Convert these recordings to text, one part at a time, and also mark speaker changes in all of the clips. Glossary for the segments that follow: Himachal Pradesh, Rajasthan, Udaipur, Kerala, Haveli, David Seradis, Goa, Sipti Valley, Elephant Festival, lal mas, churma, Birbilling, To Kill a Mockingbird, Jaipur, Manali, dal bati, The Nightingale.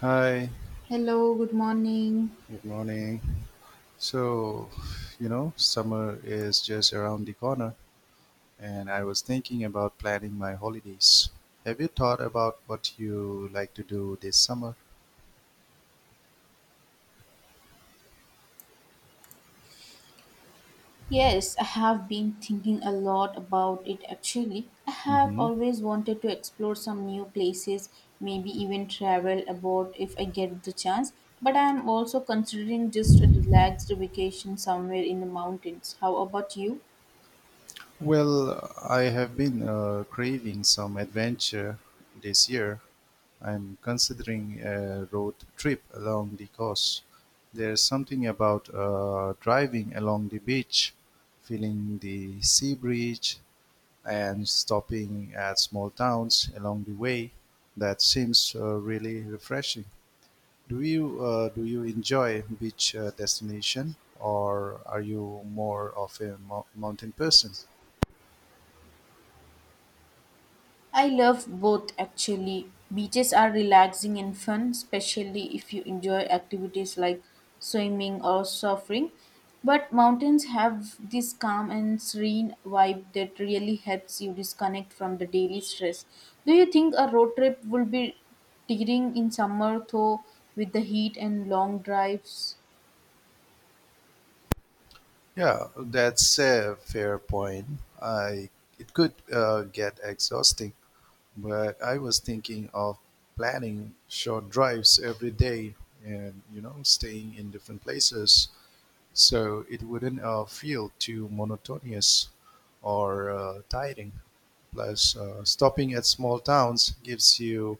Speaker 1: Hi,
Speaker 2: Hello, good morning.
Speaker 1: good morning. So, summer is just around the corner, and I was thinking about planning my holidays. Have you thought about what you like to do this summer?
Speaker 2: Yes, I have been thinking a lot about it actually. I have
Speaker 1: Hmm.
Speaker 2: always wanted to explore some new places, maybe even travel abroad if I get the chance. But I am also considering just a relaxed vacation somewhere in the mountains. How about you?
Speaker 1: Well, I have been craving some adventure this year. I'm considering a road trip along the coast. There's something about driving along the beach, feeling the sea breeze, and stopping at small towns along the way. That seems really refreshing. Do you enjoy beach destination, or are you more of a mountain person?
Speaker 2: I love both actually. Beaches are relaxing and fun, especially if you enjoy activities like swimming or surfing. But mountains have this calm and serene vibe that really helps you disconnect from the daily stress. Do you think a road trip will be tiring in summer though with the heat and long drives?
Speaker 1: Yeah, that's a fair point. I It could get exhausting, but I was thinking of planning short drives every day and staying in different places. So it wouldn't feel too monotonous or tiring. Plus, stopping at small towns gives you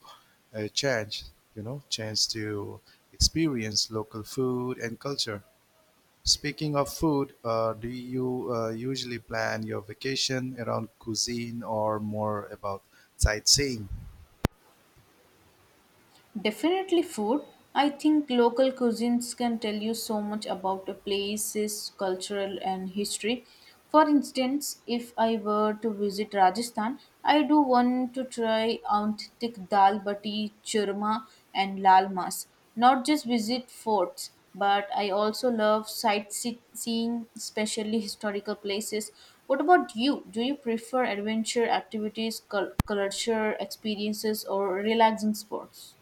Speaker 1: a chance to experience local food and culture. Speaking of food, do you usually plan your vacation around cuisine or more about sightseeing?
Speaker 2: Definitely food. I think local cuisines can tell you so much about a place's cultural and history. For instance, if I were to visit Rajasthan, I do want to try authentic dal bati, churma, and lal mas. Not just visit forts, but I also love sightseeing, especially historical places. What about you? Do you prefer adventure activities, culture experiences, or relaxing sports?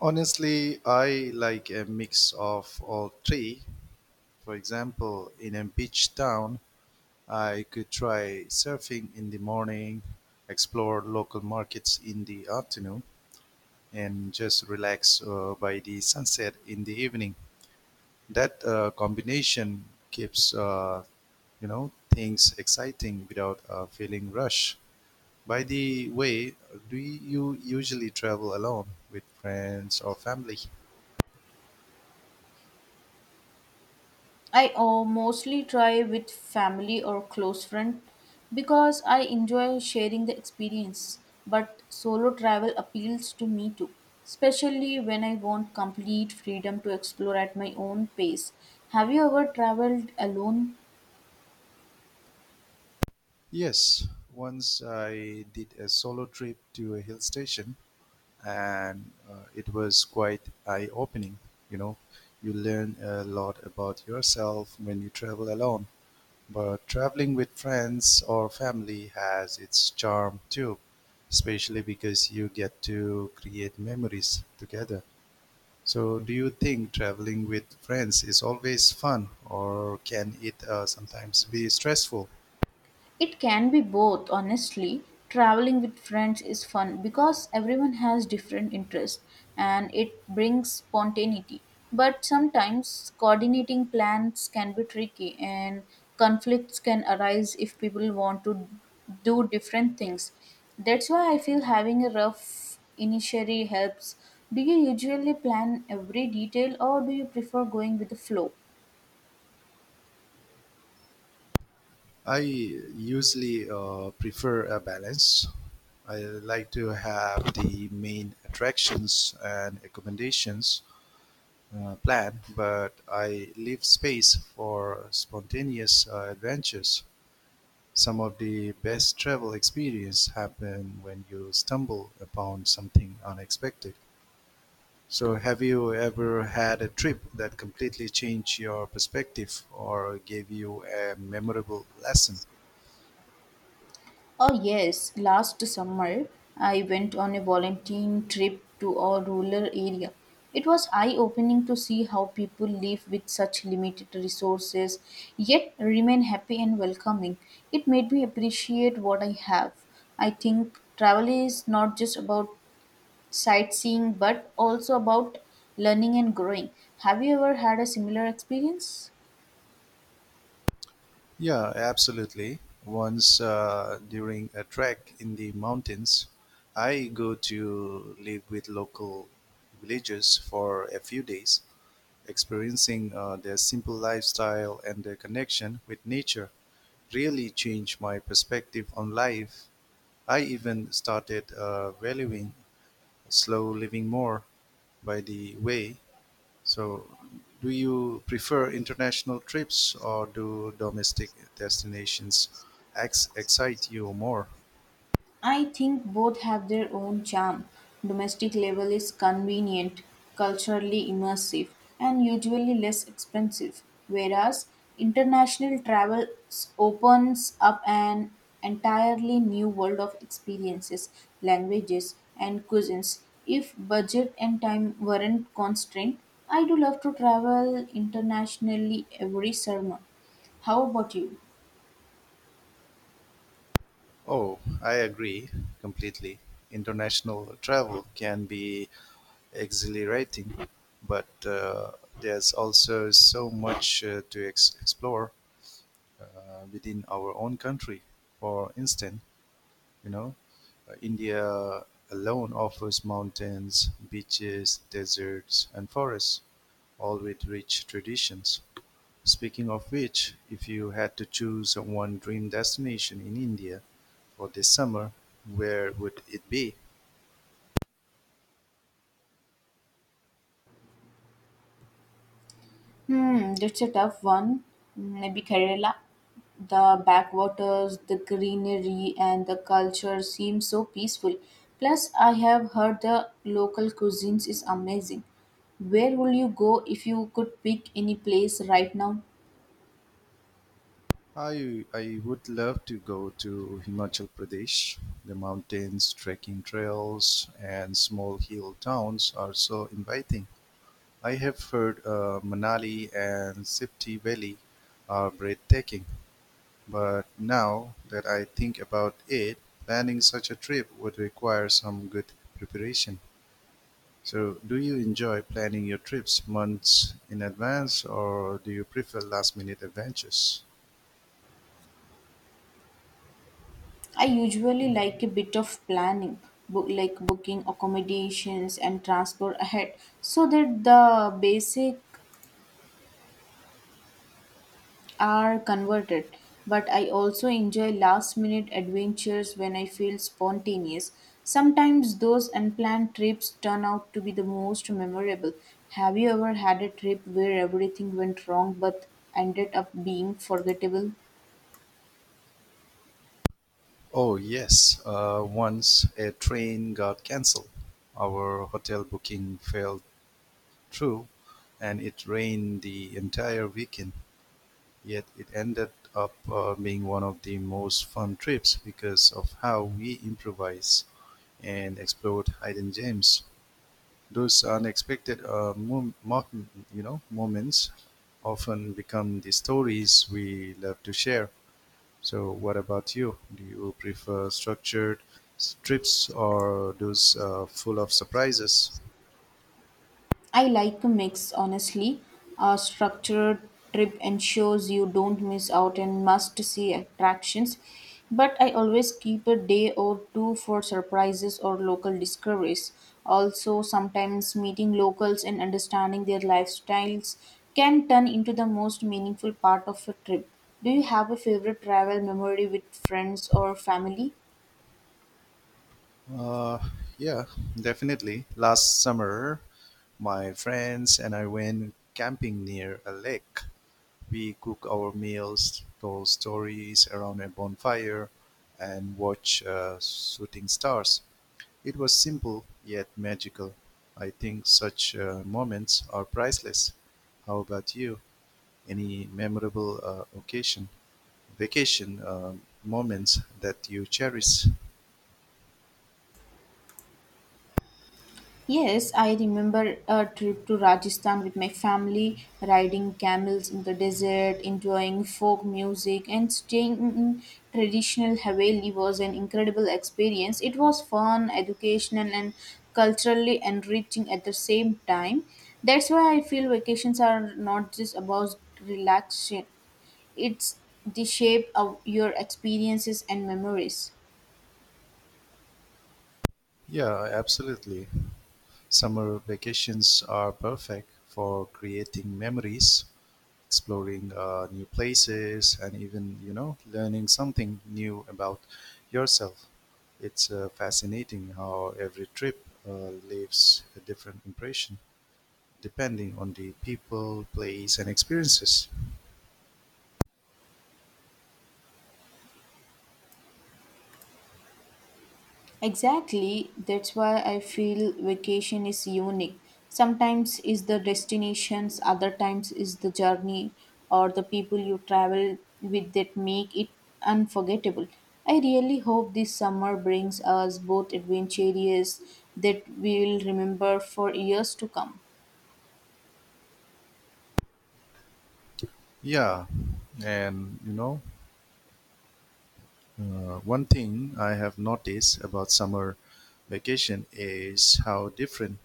Speaker 1: Honestly, I like a mix of all three. For example, in a beach town, I could try surfing in the morning, explore local markets in the afternoon, and just relax by the sunset in the evening. That combination keeps things exciting without feeling rushed. By the way, do you usually travel alone with friends or family?
Speaker 2: I mostly try with family or close friend because I enjoy sharing the experience. But solo travel appeals to me too, especially when I want complete freedom to explore at my own pace. Have you ever traveled alone?
Speaker 1: Yes, once I did a solo trip to a hill station and it was quite eye opening. You know, you learn a lot about yourself when you travel alone, but traveling with friends or family has its charm too, especially because you get to create memories together. So, do you think traveling with friends is always fun, or can it sometimes be stressful?
Speaker 2: It can be both, honestly. Traveling with friends is fun because everyone has different interests and it brings spontaneity. But sometimes coordinating plans can be tricky and conflicts can arise if people want to do different things. That's why I feel having a rough initiatory helps. Do you usually plan every detail or do you prefer going with the flow?
Speaker 1: I usually prefer a balance. I like to have the main attractions and accommodations planned, but I leave space for spontaneous adventures. Some of the best travel experience happen when you stumble upon something unexpected. So, have you ever had a trip that completely changed your perspective or gave you a memorable lesson?
Speaker 2: Oh, yes. Last summer, I went on a volunteering trip to a rural area. It was eye opening to see how people live with such limited resources, yet remain happy and welcoming. It made me appreciate what I have. I think travel is not just about sightseeing, but also about learning and growing. Have you ever had a similar experience?
Speaker 1: Yeah, absolutely. Once during a trek in the mountains, I go to live with local villagers for a few days, experiencing their simple lifestyle and their connection with nature. Really changed my perspective on life. I even started valuing slow living more. By the way, so, do you prefer international trips or do domestic destinations excite you more?
Speaker 2: I think both have their own charm. Domestic level is convenient, culturally immersive, and usually less expensive, whereas international opens up an entirely new world of experiences, languages, and cuisines. If budget and time weren't constrained, I do love to travel internationally every summer. How about you?
Speaker 1: Oh, I agree completely. International travel can be exhilarating, but there's also so much to explore uh, within our own country. For instance, you know, India alone offers mountains, beaches, deserts, and forests. All with rich traditions. Speaking of which, if you had to choose one dream destination in India for this summer, where would it be?
Speaker 2: Hmm, that's a tough one. Maybe Kerala. The backwaters, the greenery, and the culture seem so peaceful. Plus, I have heard the local cuisines is amazing. Where would you go if you could pick any place right now?
Speaker 1: I would love to go to Himachal Pradesh. The mountains, trekking trails, and small hill towns are so inviting. I have heard Manali and Sipti Valley are breathtaking. But now that I think about it, planning such a trip would require some good preparation. So, do you enjoy planning your trips months in advance or do you prefer last minute adventures?
Speaker 2: I usually like a bit of planning, booking accommodations and transport ahead, so that the basic are converted, but I also enjoy last minute adventures when I feel spontaneous. Sometimes those unplanned trips turn out to be the most memorable. Have you ever had a trip where everything went wrong but ended up being forgettable?
Speaker 1: Oh, yes. Once a train got canceled, our hotel booking fell through, and it rained the entire weekend. Yet it ended up being one of the most fun trips because of how we improvised and explored hidden gems. Those unexpected moments often become the stories we love to share. So, what about you? Do you prefer structured trips or those full of surprises?
Speaker 2: I like a mix, honestly. A structured trip ensures you don't miss out on must see attractions, but I always keep a day or two for surprises or local discoveries. Also, sometimes meeting locals and understanding their lifestyles can turn into the most meaningful part of a trip. Do you have a favorite travel memory with friends or family?
Speaker 1: Uh, yeah, definitely. Last summer, my friends and I went camping near a lake. We cooked our meals, told stories around a bonfire, and watched shooting stars. It was simple yet magical. I think such moments are priceless. How about you? Any memorable occasion, vacation moments that you cherish?
Speaker 2: Yes, I remember a trip to Rajasthan with my family, riding camels in the desert, enjoying folk music, and staying in traditional Haveli was an incredible experience. It was fun, educational, and culturally enriching at the same time. That's why I feel vacations are not just about relaxation, it's the shape of your experiences and memories.
Speaker 1: Yeah, absolutely. Summer vacations are perfect for creating memories. Exploring new places and even learning something new about yourself. It's fascinating how every trip leaves a different impression depending on the people, place and experiences.
Speaker 2: Exactly, that's why I feel vacation is unique. Sometimes is the destinations, other times is the journey or the people you travel with that make it unforgettable. I really hope this summer brings us both adventures that we will remember for years to come.
Speaker 1: Yeah, and you know one thing I have noticed about summer vacation is how different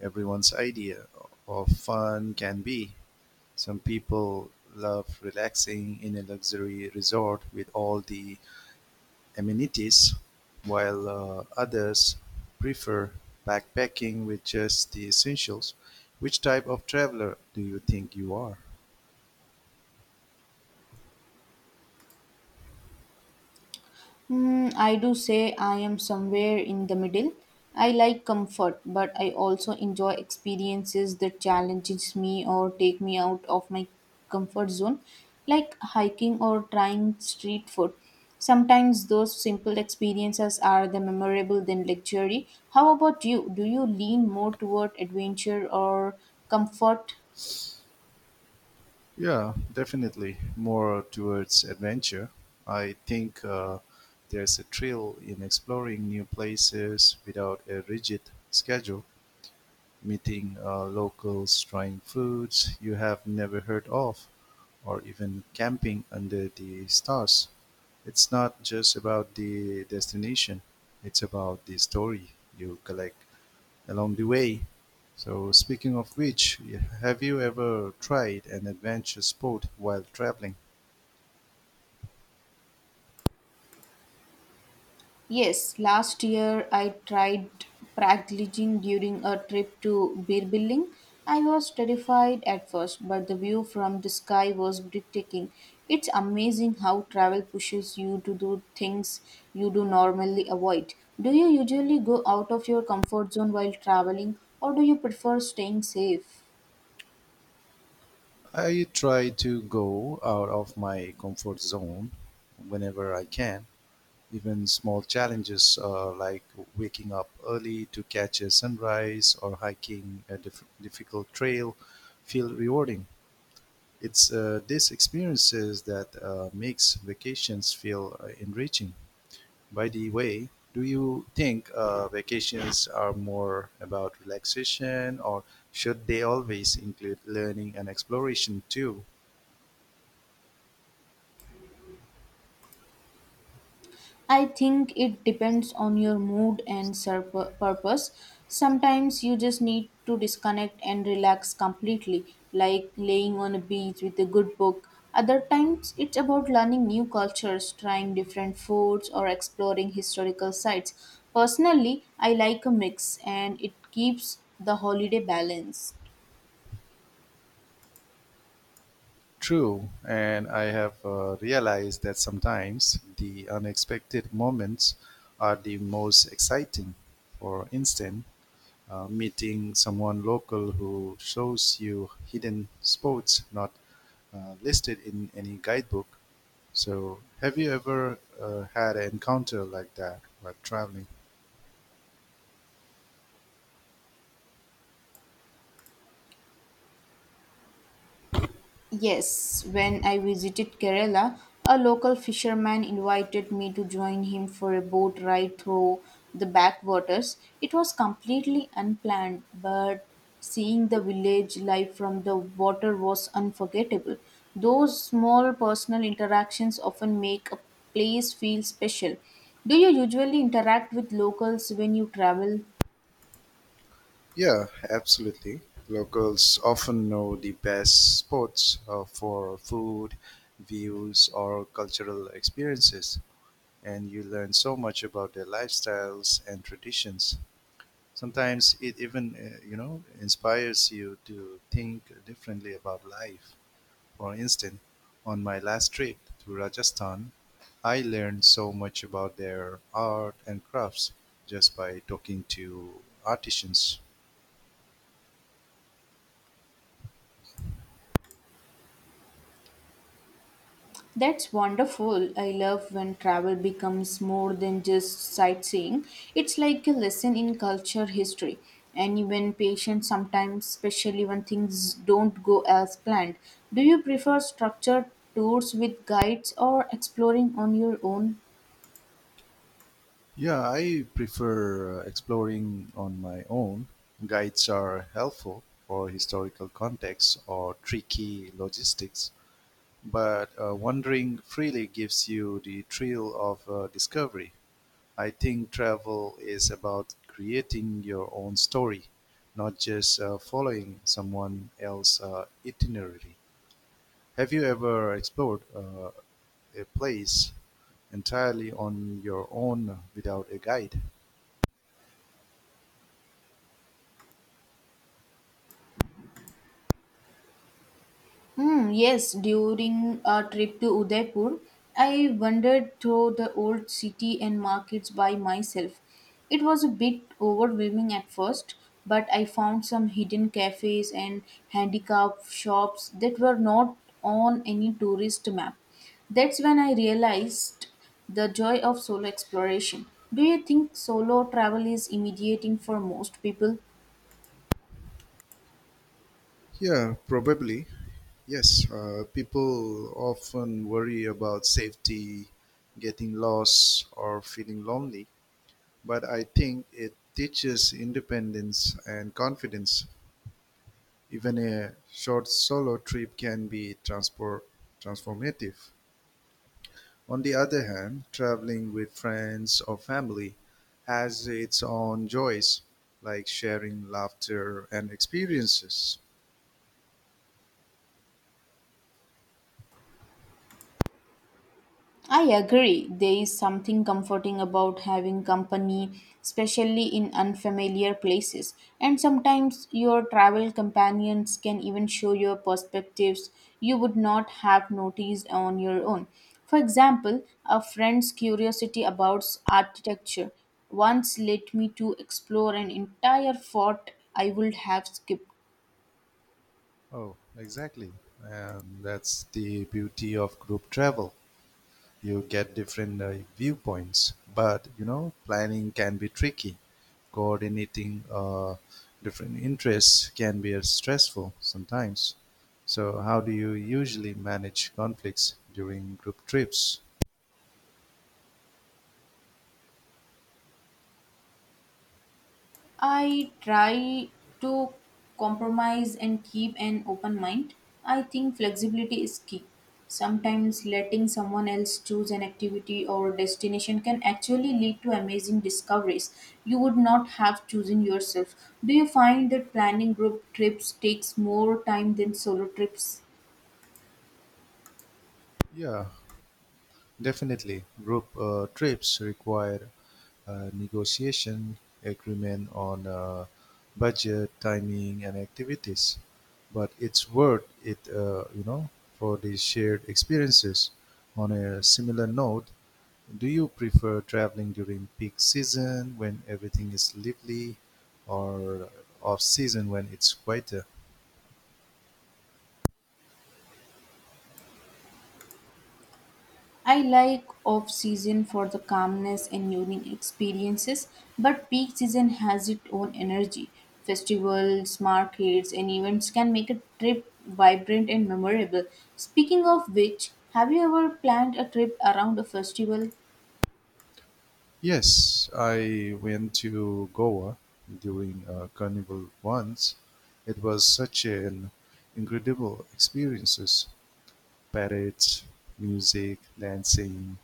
Speaker 1: everyone's idea of fun can be. Some people love relaxing in a luxury resort with all the amenities, while others prefer backpacking with just the essentials. Which type of traveler do you think you are?
Speaker 2: Hmm, I do say I am somewhere in the middle. I like comfort, but I also enjoy experiences that challenges me or take me out of my comfort zone, like hiking or trying street food. Sometimes those simple experiences are the memorable than luxury. How about you? Do you lean more toward adventure or comfort?
Speaker 1: Yeah, definitely more towards adventure. I think there's a thrill in exploring new places without a rigid schedule. Meeting locals, trying foods you have never heard of, or even camping under the stars. It's not just about the destination, it's about the story you collect along the way. So, speaking of which, have you ever tried an adventure sport while traveling?
Speaker 2: Yes, last year I tried paragliding during a trip to Birbilling. I was terrified at first, but the view from the sky was breathtaking. It's amazing how travel pushes you to do things you do normally avoid. Do you usually go out of your comfort zone while traveling, or do you prefer staying safe?
Speaker 1: I try to go out of my comfort zone whenever I can. Even small challenges like waking up early to catch a sunrise or hiking a difficult trail feel rewarding. It's these experiences that makes vacations feel enriching. By the way, do you think vacations are more about relaxation or should they always include learning and exploration too?
Speaker 2: I think it depends on your mood and purpose. Sometimes you just need to disconnect and relax completely, like laying on a beach with a good book. Other times it's about learning new cultures, trying different foods, or exploring historical sites. Personally, I like a mix and it keeps the holiday balance.
Speaker 1: True, and I have realized that sometimes the unexpected moments are the most exciting. For instance, meeting someone local who shows you hidden spots not listed in any guidebook. So, have you ever had an encounter like that while traveling?
Speaker 2: Yes, when I visited Kerala, a local fisherman invited me to join him for a boat ride through the backwaters. It was completely unplanned, but seeing the village life from the water was unforgettable. Those small personal interactions often make a place feel special. Do you usually interact with locals when you travel?
Speaker 1: Yeah, absolutely. Locals often know the best spots for food, views, or cultural experiences, and you learn so much about their lifestyles and traditions. Sometimes it even, inspires you to think differently about life. For instance, on my last trip to Rajasthan, I learned so much about their art and crafts just by talking to artisans.
Speaker 2: That's wonderful. I love when travel becomes more than just sightseeing. It's like a lesson in culture history. And even patience sometimes, especially when things don't go as planned. Do you prefer structured tours with guides or exploring on your own?
Speaker 1: Yeah, I prefer exploring on my own. Guides are helpful for historical context or tricky logistics, but wandering freely gives you the thrill of discovery. I think travel is about creating your own story, not just following someone else's itinerary. Have you ever explored a place entirely on your own without a guide?
Speaker 2: Hmm, yes, during a trip to Udaipur, I wandered through the old city and markets by myself. It was a bit overwhelming at first, but I found some hidden cafes and handicraft shops that were not on any tourist map. That's when I realized the joy of solo exploration. Do you think solo travel is intimidating for most people?
Speaker 1: Yeah, probably. Yes, people often worry about safety, getting lost, or feeling lonely. But I think it teaches independence and confidence. Even a short solo trip can be transport transformative. On the other hand, traveling with friends or family has its own joys, like sharing laughter and experiences.
Speaker 2: I agree. There is something comforting about having company, especially in unfamiliar places. And sometimes your travel companions can even show your perspectives you would not have noticed on your own. For example, a friend's curiosity about architecture once led me to explore an entire fort I would have skipped.
Speaker 1: Oh, exactly. And that's the beauty of group travel. You get different viewpoints, but you know, planning can be tricky. Coordinating different interests can be stressful sometimes. So, how do you usually manage conflicts during group trips?
Speaker 2: I try to compromise and keep an open mind. I think flexibility is key. Sometimes letting someone else choose an activity or destination can actually lead to amazing discoveries you would not have chosen yourself. Do you find that planning group trips takes more time than solo trips?
Speaker 1: Yeah, Definitely, group trips require negotiation, agreement on budget, timing, and activities. But it's worth it, for the shared experiences. On a similar note, do you prefer traveling during peak season when everything is lively, or off season when it's quieter?
Speaker 2: I like off season for the calmness and unique experiences, but peak season has its own energy. Festivals, markets, and events can make a trip vibrant and memorable. Speaking of which, have you ever planned a trip around a festival?
Speaker 1: Yes, I went to Goa during a carnival once. It was such an incredible experience. Parades, music, dancing,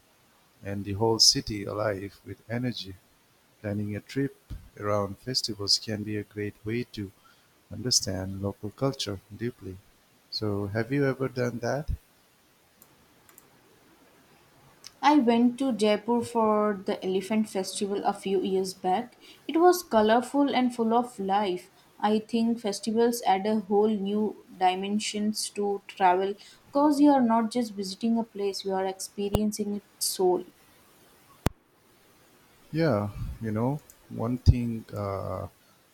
Speaker 1: and the whole city alive with energy. Planning a trip around festivals can be a great way to understand local culture deeply. So, have you ever done that?
Speaker 2: I went to Jaipur for the Elephant Festival a few years back. It was colorful and full of life. I think festivals add a whole new dimensions to travel because you are not just visiting a place, you are experiencing its soul.
Speaker 1: Yeah, you know, one thing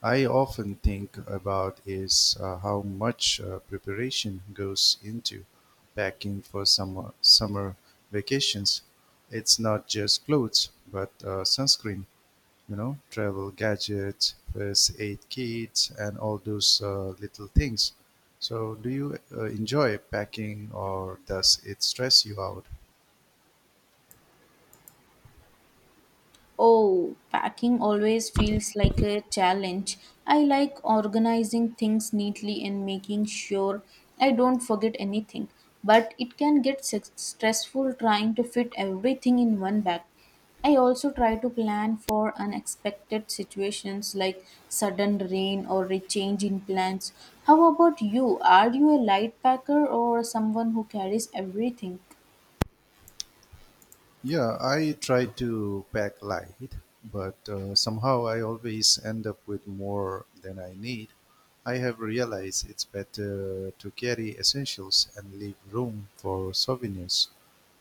Speaker 1: I often think about is how much preparation goes into packing for summer vacations. It's not just clothes, but sunscreen, travel gadgets, first aid kits, and all those little things. So, do you enjoy packing, or does it stress you out?
Speaker 2: Oh, packing always feels like a challenge. I like organizing things neatly and making sure I don't forget anything, but it can get stressful trying to fit everything in one bag. I also try to plan for unexpected situations like sudden rain or a change in plans. How about you? Are you a light packer or someone who carries everything?
Speaker 1: Yeah, I try to pack light, but somehow I always end up with more than I need. I have realized it's better to carry essentials and leave room for souvenirs.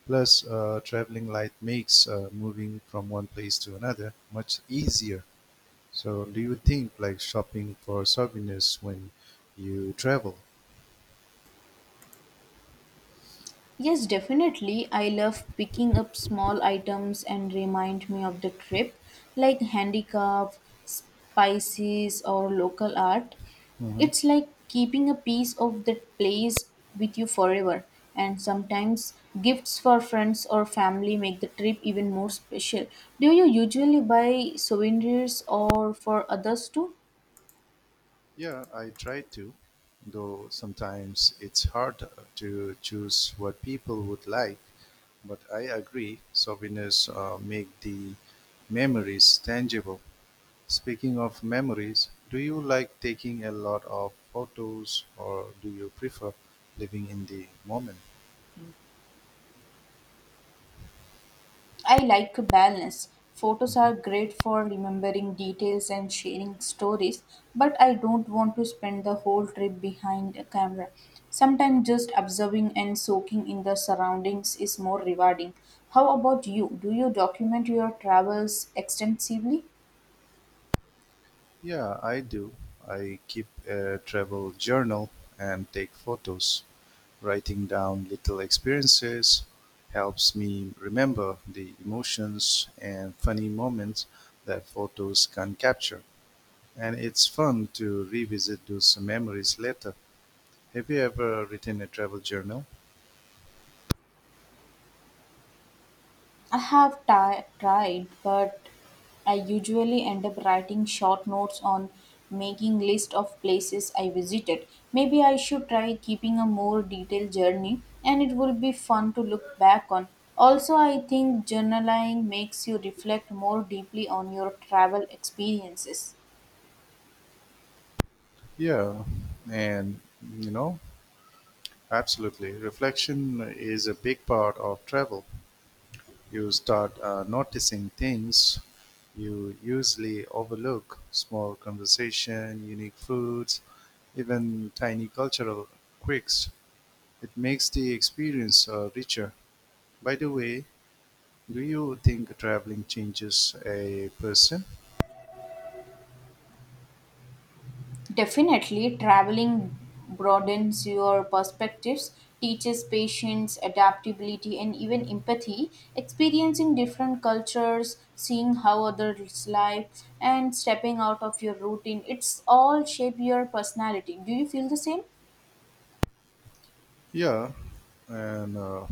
Speaker 1: Plus, traveling light makes moving from one place to another much easier. So, do you think like shopping for souvenirs when you travel?
Speaker 2: Yes, definitely. I love picking up small items and remind me of the trip, like handicraft, spices, or local art.
Speaker 1: Mhm.
Speaker 2: It's like keeping a piece of that place with you forever. And sometimes gifts for friends or family make the trip even more special. Do you usually buy souvenirs or for others too?
Speaker 1: Yeah, I try to, though sometimes it's hard to choose what people would like. But I agree, souvenirs make the memories tangible. Speaking of memories, do you like taking a lot of photos or do you prefer living in the moment?
Speaker 2: I like balance. Photos are
Speaker 1: Mhm.
Speaker 2: great for remembering details and sharing stories, but I don't want to spend the whole trip behind a camera. Sometimes just observing and soaking in the surroundings is more rewarding. How about you? Do you document your travels extensively?
Speaker 1: Yeah, I do. I keep a travel journal and take photos. Writing down little experiences helps me remember the emotions and funny moments that photos can capture. And it's fun to revisit those memories later. Have you ever written a travel journal?
Speaker 2: I have ti tried, but I usually end up writing short notes on making list of places I visited. Maybe I should try keeping a more detailed journey and it will be fun to look back on. Also, I think journaling makes you reflect more deeply on your travel experiences.
Speaker 1: Yeah, and you know, absolutely. Reflection is a big part of travel. You start noticing things you usually overlook, small conversation, unique foods, even tiny cultural quirks. It makes the experience richer. By the way, do you think traveling changes a person?
Speaker 2: Definitely, traveling broadens your perspectives, teaches patience, adaptability, and even empathy. Experiencing different cultures, seeing how others live, and stepping out of your routine, it's all shape your personality. Do you feel the same?
Speaker 1: Yeah, and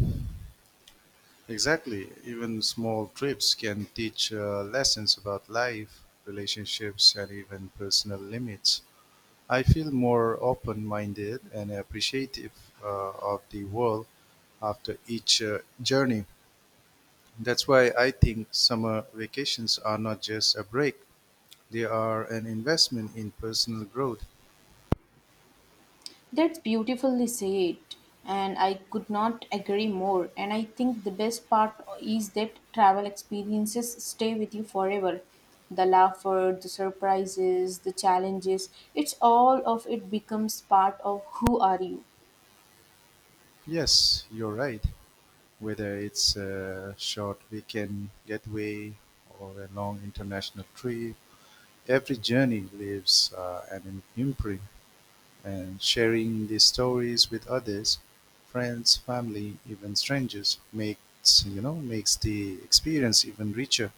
Speaker 1: exactly, even small trips can teach lessons about life, relationships, and even personal limits. I feel more open-minded and appreciative of the world after each journey. That's why I think summer vacations are not just a break, they are an investment in personal growth.
Speaker 2: That's beautifully said, and I could not agree more. And I think the best part is that travel experiences stay with you forever. The laughter, the surprises, the challenges, it's all of it becomes part of who are you.
Speaker 1: Yes, you're right. Whether it's a short weekend getaway or a long international trip, every journey leaves an imprint, and sharing these stories with others, friends, family, even strangers makes you know makes the experience even richer.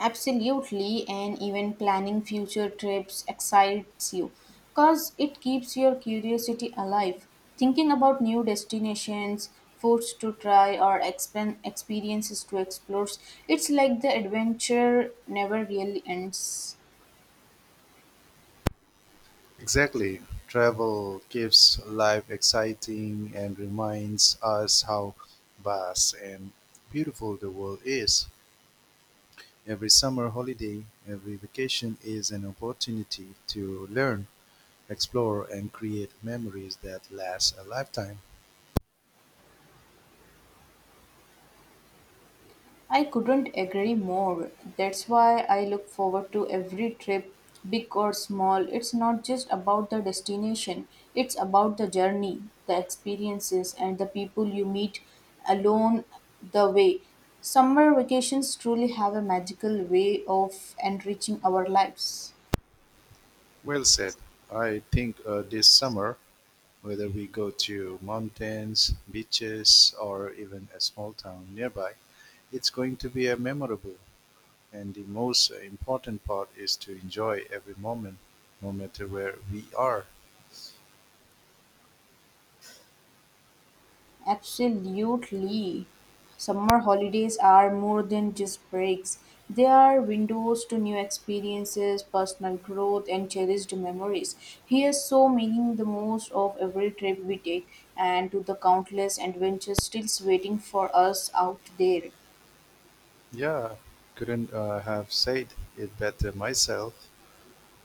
Speaker 2: Absolutely, and even planning future trips excites you because it keeps your curiosity alive. Thinking about new destinations, foods to try, or experiences to explore, it's like the adventure never really ends.
Speaker 1: Exactly. Travel keeps life exciting and reminds us how vast and beautiful the world is. Every summer holiday, every vacation is an opportunity to learn, explore, and create memories that last a lifetime.
Speaker 2: I couldn't agree more. That's why I look forward to every trip, big or small. It's not just about the destination, it's about the journey, the experiences, and the people you meet along the way. Summer vacations truly have a magical way of enriching our lives.
Speaker 1: Well said. I think this summer, whether we go to mountains, beaches, or even a small town nearby, it's going to be a memorable. And the most important part is to enjoy every moment, no matter where we are.
Speaker 2: Absolutely. Summer holidays are more than just breaks. They are windows to new experiences, personal growth, and cherished memories. Here's so making the most of every trip we take and to the countless adventures still waiting for us out there.
Speaker 1: Yeah, couldn't have said it better myself.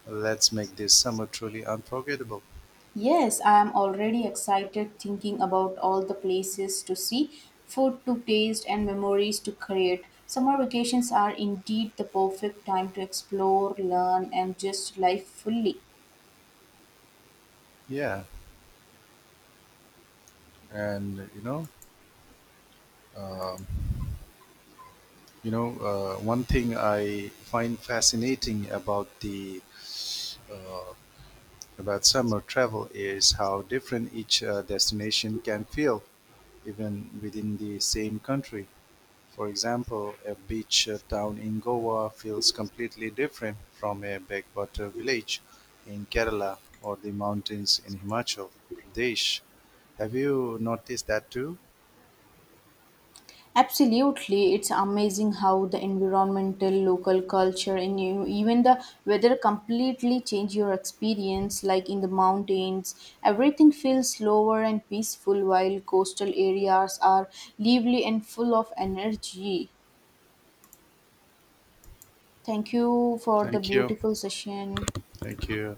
Speaker 1: Let's make this summer truly unforgettable.
Speaker 2: Yes, I am already excited thinking about all the places to see, food to taste, and memories to create. Summer vacations are indeed the perfect time to explore, learn, and just life fully.
Speaker 1: Yeah, and um, you know, one thing I find fascinating about the uh, about summer travel is how different each destination can feel, even within the same country. For example, a beach town in Goa feels completely different from a backwater village in Kerala or the mountains in Himachal Pradesh. Have you noticed that too?
Speaker 2: Absolutely, it's amazing how the environmental, local culture, and you, even the weather completely change your experience. Like in the mountains, everything feels slower and peaceful, while coastal areas are lively and full of energy. Thank you for the
Speaker 1: Thank you.
Speaker 2: beautiful session.
Speaker 1: Thank you.